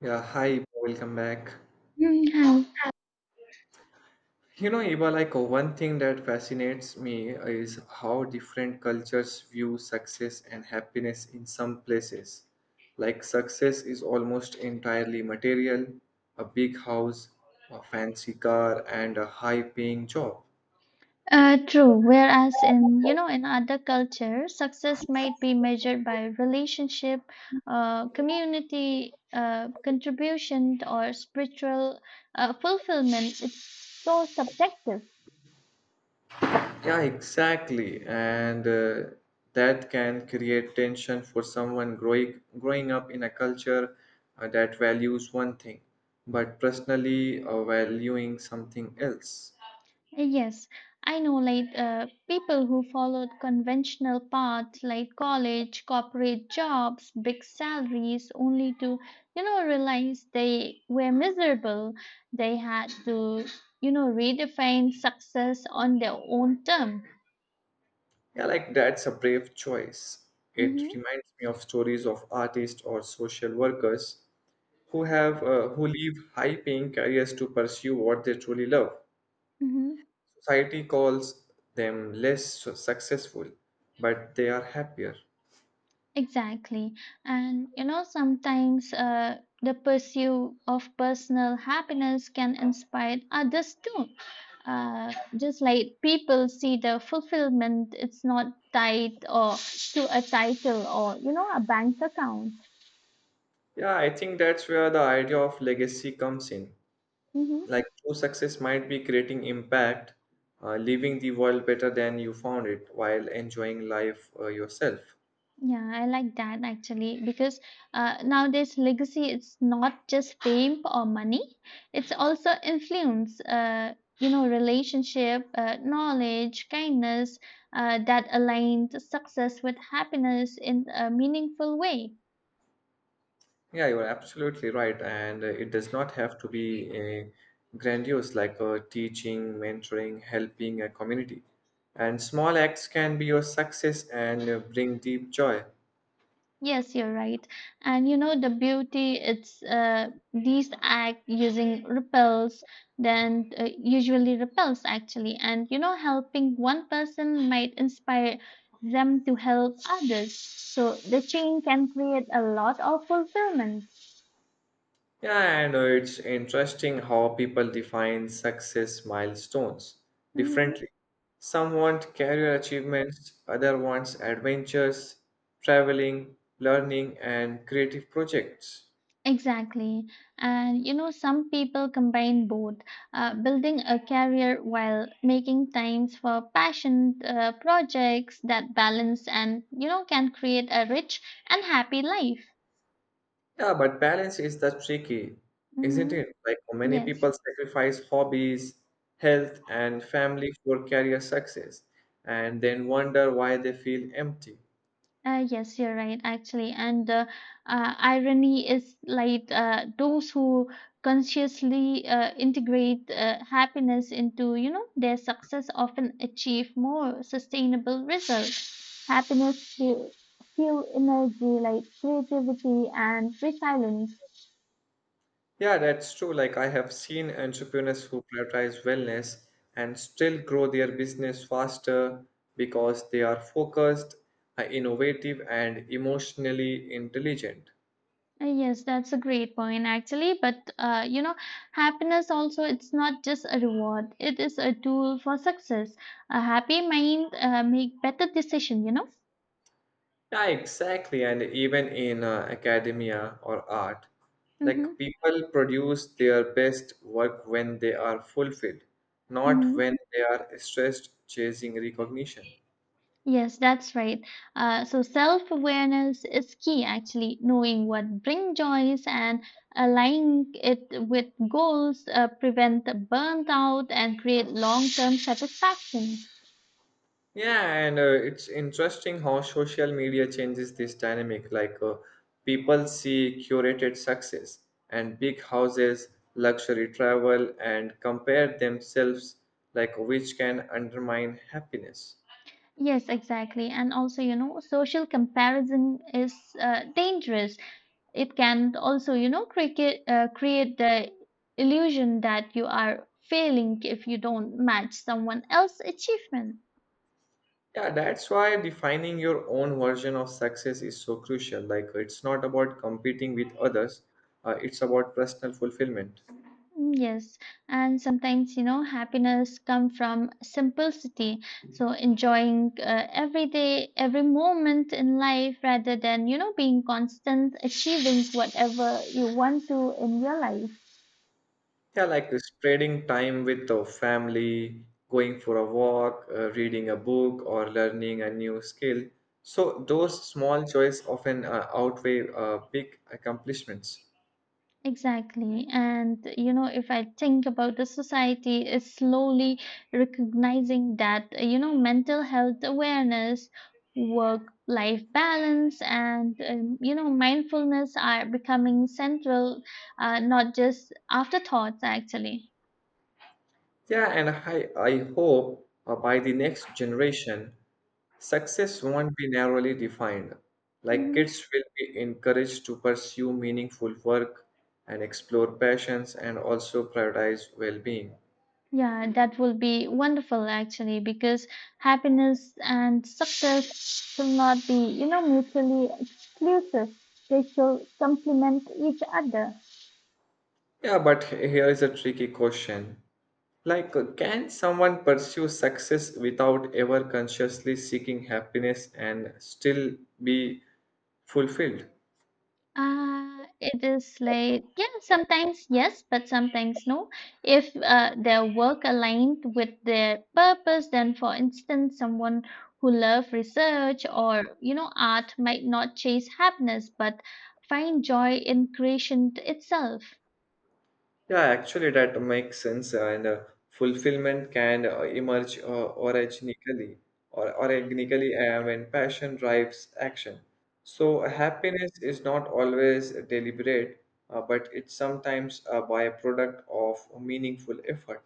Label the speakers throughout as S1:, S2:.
S1: Yeah, hi, welcome back.
S2: Mm, how-
S1: You know, Iba, like one thing that fascinates me is how different cultures view success and happiness in some places. Like, success is almost entirely material, a big house, a fancy car, and a high paying job.
S2: True. Whereas in you know in other cultures, success might be measured by relationship, community contribution, or spiritual fulfillment. It's so subjective.
S1: Yeah, exactly. And that can create tension for someone growing up in a culture that values one thing, but personally valuing something else.
S2: Yes, I know like people who followed conventional paths like college, corporate jobs, big salaries, only to, realize they were miserable. They had to, redefine success on their own term.
S1: Yeah, like that's a brave choice.
S2: Mm-hmm.
S1: It reminds me of stories of artists or social workers who have who leave high-paying careers to pursue what they truly love.
S2: Mm-hmm.
S1: Society calls them less successful, but they are happier.
S2: Exactly. And, you know, sometimes the pursuit of personal happiness can inspire others too, just like people see the fulfillment. It's not tied or to a title or, you know, a bank account.
S1: Yeah, I think that's where the idea of legacy comes in.
S2: Hmm.
S1: Like true success might be creating impact, leaving the world better than you found it while enjoying life yourself.
S2: Yeah, I like that actually, because nowadays legacy, it's not just fame or money, it's also influence, you know, relationship, knowledge, kindness, that aligned success with happiness in a meaningful way.
S1: Yeah, you're absolutely right. And it does not have to be a grandiose like teaching, mentoring, helping a community. And small acts can be your success and bring deep joy.
S2: Yes, you're right. And you know the beauty, it's these act using repels then usually repels actually, and you know helping one person might inspire them to help others. So the chain can create a lot of fulfillment.
S1: Yeah, and it's interesting how people define success milestones
S2: Mhm.
S1: differently. Some want career achievements, other wants adventures, traveling, learning, and creative projects.
S2: Exactly. And you know, some people combine both, building a career while making times for passion projects that balance and, you know, can create a rich and happy life.
S1: Yeah, but balance is the tricky, isn't
S2: Hmm.
S1: it? Like many
S2: Yes.
S1: people sacrifice hobbies, health, and family for career success, and then wonder why they feel empty.
S2: Yes, you're right, actually. And irony is like those who consciously integrate happiness into, you know, their success often achieve more sustainable results. Happiness fuel, fuel energy like creativity and resilience.
S1: Yeah, that's true. Like, I have seen entrepreneurs who prioritize wellness and still grow their business faster because they are focused, innovative, and emotionally intelligent.
S2: Yes, that's a great point actually. But you know, happiness also, it's not just a reward; it is a tool for success. A happy mind make better decision. You know.
S1: Yeah, exactly. And even in academia or art, like
S2: Mm-hmm.
S1: people produce their best work when they are fulfilled, not
S2: Mm-hmm.
S1: when they are stressed chasing recognition.
S2: Yes, that's right. So self awareness is key, actually, knowing what brings joys and aligning it with goals, prevent burnout, and create long term satisfaction.
S1: Yeah, and it's interesting how social media changes this dynamic. Like people see curated success and big houses, luxury travel, and compare themselves, like which can undermine happiness.
S2: Yes, exactly. And also, you know, social comparison is dangerous. It can also, you know, create the illusion that you are failing if you don't match someone else's achievement.
S1: Yeah, that's why defining your own version of success is so crucial. Like it's not about competing with others, it's about personal fulfillment.
S2: Mm. Yes, and sometimes you know happiness come from simplicity. So enjoying every day, every moment in life, rather than you know being constant achieving whatever you want to in your life.
S1: Yeah, like spreading time with the family, going for a walk, reading a book, or learning a new skill. So those small joys often outweigh big accomplishments.
S2: Exactly. And, you know, if I think about the society is slowly recognizing that, you know, mental health awareness, work life balance, and, you know, mindfulness are becoming central, not just afterthoughts, actually.
S1: Yeah, and I hope by the next generation, success won't be narrowly defined. Like
S2: Hmm.
S1: kids will be encouraged to pursue meaningful work and explore passions and also prioritize well being.
S2: Yeah, that will be wonderful, actually, because happiness and success should not be, you know, mutually exclusive. They should complement each other.
S1: Yeah, but here is a tricky question. Like, can someone pursue success without ever consciously seeking happiness and still be fulfilled?
S2: It is like, yeah, sometimes yes, but sometimes no. If their work aligned with their purpose, then for instance, someone who love research or you know art might not chase happiness but find joy in creation itself.
S1: Yeah, actually, that makes sense. And fulfillment can emerge organically when passion drives action. So, happiness is not always deliberate, but it's sometimes a byproduct of meaningful effort.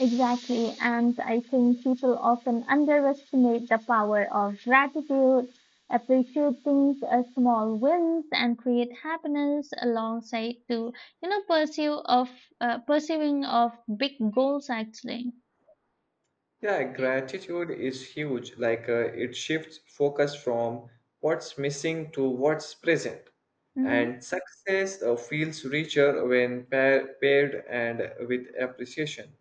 S2: Exactly. And I think people often underestimate the power of gratitude, appreciate things as small wins and create happiness alongside to, you know, pursue of pursuing of big goals actually.
S1: Yeah, gratitude is huge. Like it shifts focus from what's missing to what's present.
S2: Hmm.
S1: And success feels richer when paired and with appreciation.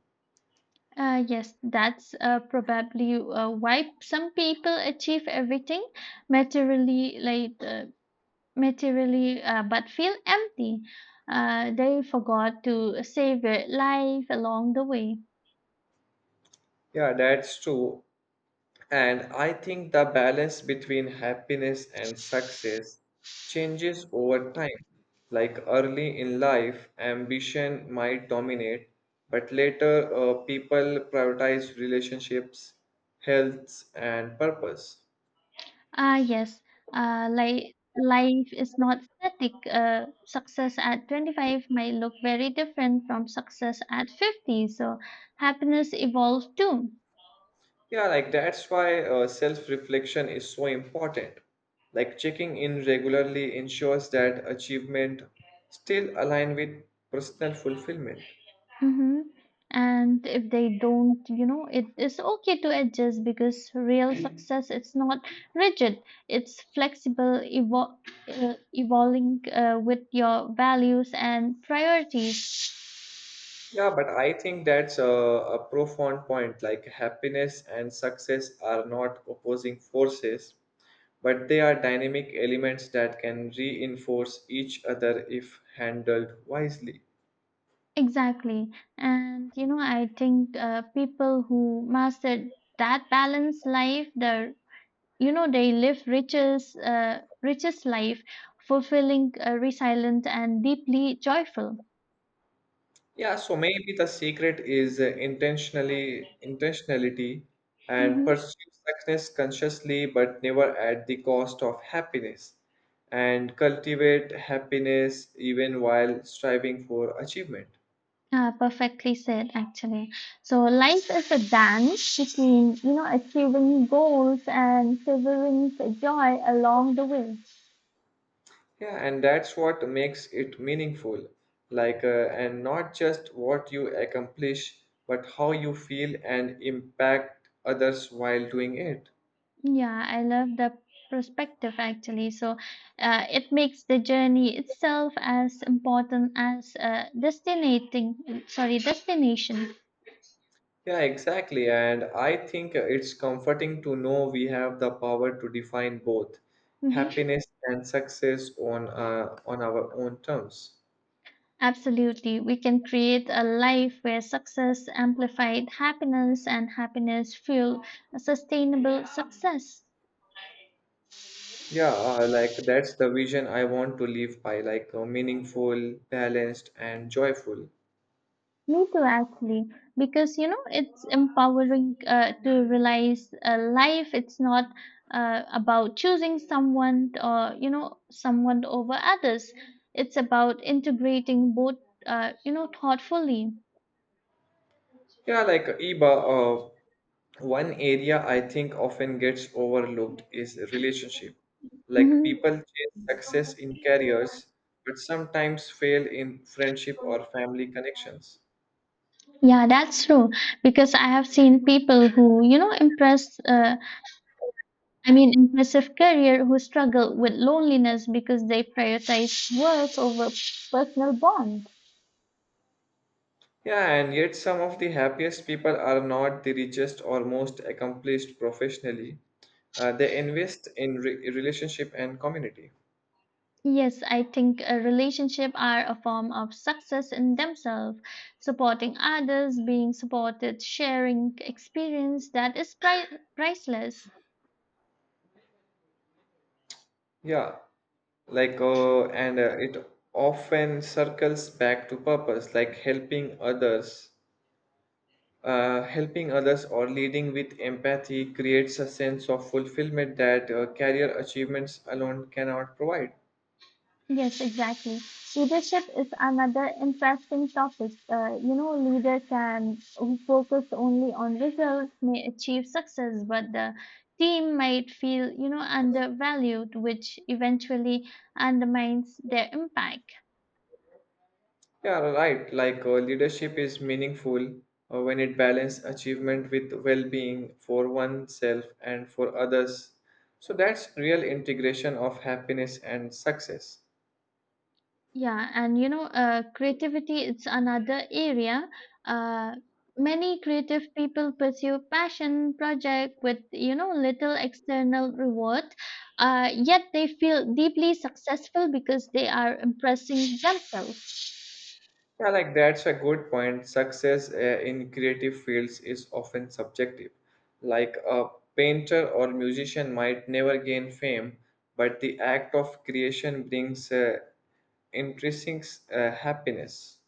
S2: Yes, that's probably why some people achieve everything materially, like materially, but feel empty. They forgot to savor life along the way.
S1: Yeah, that's true. And I think the balance between happiness and success changes over time. Like early in life, ambition might dominate, but later, people prioritize relationships, health, and purpose.
S2: Ah, yes, like life is not static. Success at 25 might look very different from success at 50, so happiness evolves too.
S1: Yeah, like that's why self-reflection is so important. Like checking in regularly ensures that achievement still align with personal fulfillment.
S2: Hmm. And if they don't, you know, it is okay to adjust because real success, it's not rigid. It's flexible, evol evolving with your values and priorities.
S1: Yeah, but I think that's a profound point. Like happiness and success are not opposing forces, but they are dynamic elements that can reinforce each other if handled wisely.
S2: Exactly. And you know, I think people who mastered that balanced life, they, you know, they live richest life, fulfilling, resilient, and deeply joyful.
S1: Yeah, so maybe the secret is intentionally intentionality and pursue success consciously, but never at the cost of happiness, and cultivate happiness even while striving for achievement.
S2: Perfectly said, actually. So life is a dance between, you know, achieving goals and savoring the joy along the way.
S1: Yeah, and that's what makes it meaningful. Like, and not just what you accomplish, but how you feel and impact others while doing it.
S2: Yeah, I love the perspective actually. So it makes the journey itself as important as destinating, sorry, destination.
S1: Yeah, exactly. And I think it's comforting to know we have the power to define both
S2: Mhm.
S1: happiness and success on on our own terms.
S2: Absolutely. We can create a life where success amplified happiness and happiness fuel a sustainable success.
S1: Yeah, like that's the vision I want to live by, like meaningful, balanced, and joyful.
S2: Me too, actually, because you know it's empowering to realize life. It's not about choosing someone or you know someone over others. It's about integrating both, you know, thoughtfully.
S1: Yeah, like Iba, uh, one area I think often gets overlooked is relationship. Like
S2: Hmm.
S1: people chase success in careers, but sometimes fail in friendship or family connections.
S2: Yeah, that's true. Because I have seen people who, you know, impressive career who struggle with loneliness because they prioritize work over personal bonds.
S1: Yeah, and yet some of the happiest people are not the richest or most accomplished professionally. They invest in relationship and community.
S2: Yes, I think a relationship are a form of success in themselves, supporting others, being supported, sharing experience that is priceless.
S1: Yeah, like and it often circles back to purpose, like helping others or leading with empathy creates a sense of fulfillment that career achievements alone cannot provide.
S2: Yes, exactly. Leadership is another interesting topic. You know, leader can who focus only on results may achieve success, but the team might feel, you know, undervalued, which eventually undermines their impact.
S1: Yeah, right. Like leadership is meaningful when it balances achievement with well being for oneself and for others. So that's real integration of happiness and success.
S2: Yeah, and you know, creativity it's another area. Uh, Many creative people pursue passion project with you know little external reward, yet they feel deeply successful because they are impressing themselves.
S1: Yeah, like that's a good point. Success in creative fields is often subjective. Like a painter or musician might never gain fame, but the act of creation brings intrinsic happiness.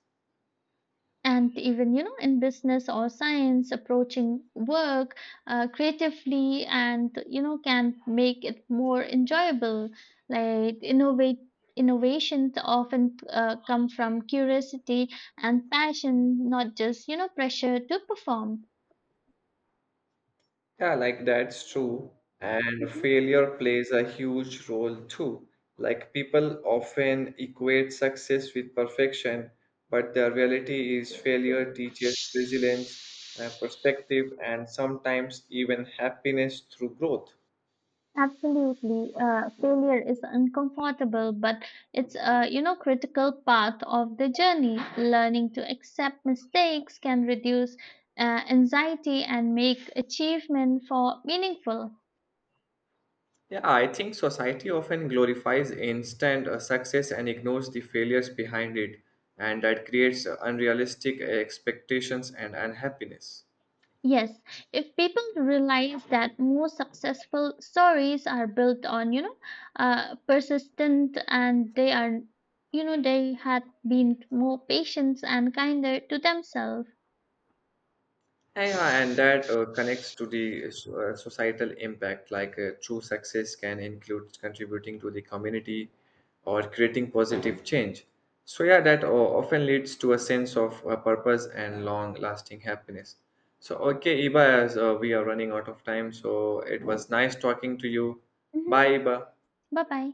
S2: And even you know in business or science approaching work creatively and you know can make it more enjoyable, like innovate innovations often come from curiosity and passion, not just you know pressure to perform.
S1: Yeah, like that's true. And
S2: Mm-hmm.
S1: failure plays a huge role too. Like people often equate success with perfection, but the reality is failure teaches resilience, perspective, and sometimes even happiness through growth.
S2: Absolutely. Failure is uncomfortable, but it's a, you know, critical part of the journey. Learning to accept mistakes can reduce anxiety and make achievement for meaningful.
S1: Yeah, I think society often glorifies instant success and ignores the failures behind it, and that creates unrealistic expectations and unhappiness.
S2: Yes, if people realize that most successful stories are built on, you know, persistent and they are, you know, they had been more patient and kinder to themselves.
S1: Yeah, and that connects to the societal impact. Like true success can include contributing to the community or creating positive change. So, yeah, that often leads to a sense of purpose and long lasting happiness. So, okay, Iba, as we are running out of time, so it was nice talking to you.
S2: Hmm.
S1: Bye, Iba.
S2: Bye bye.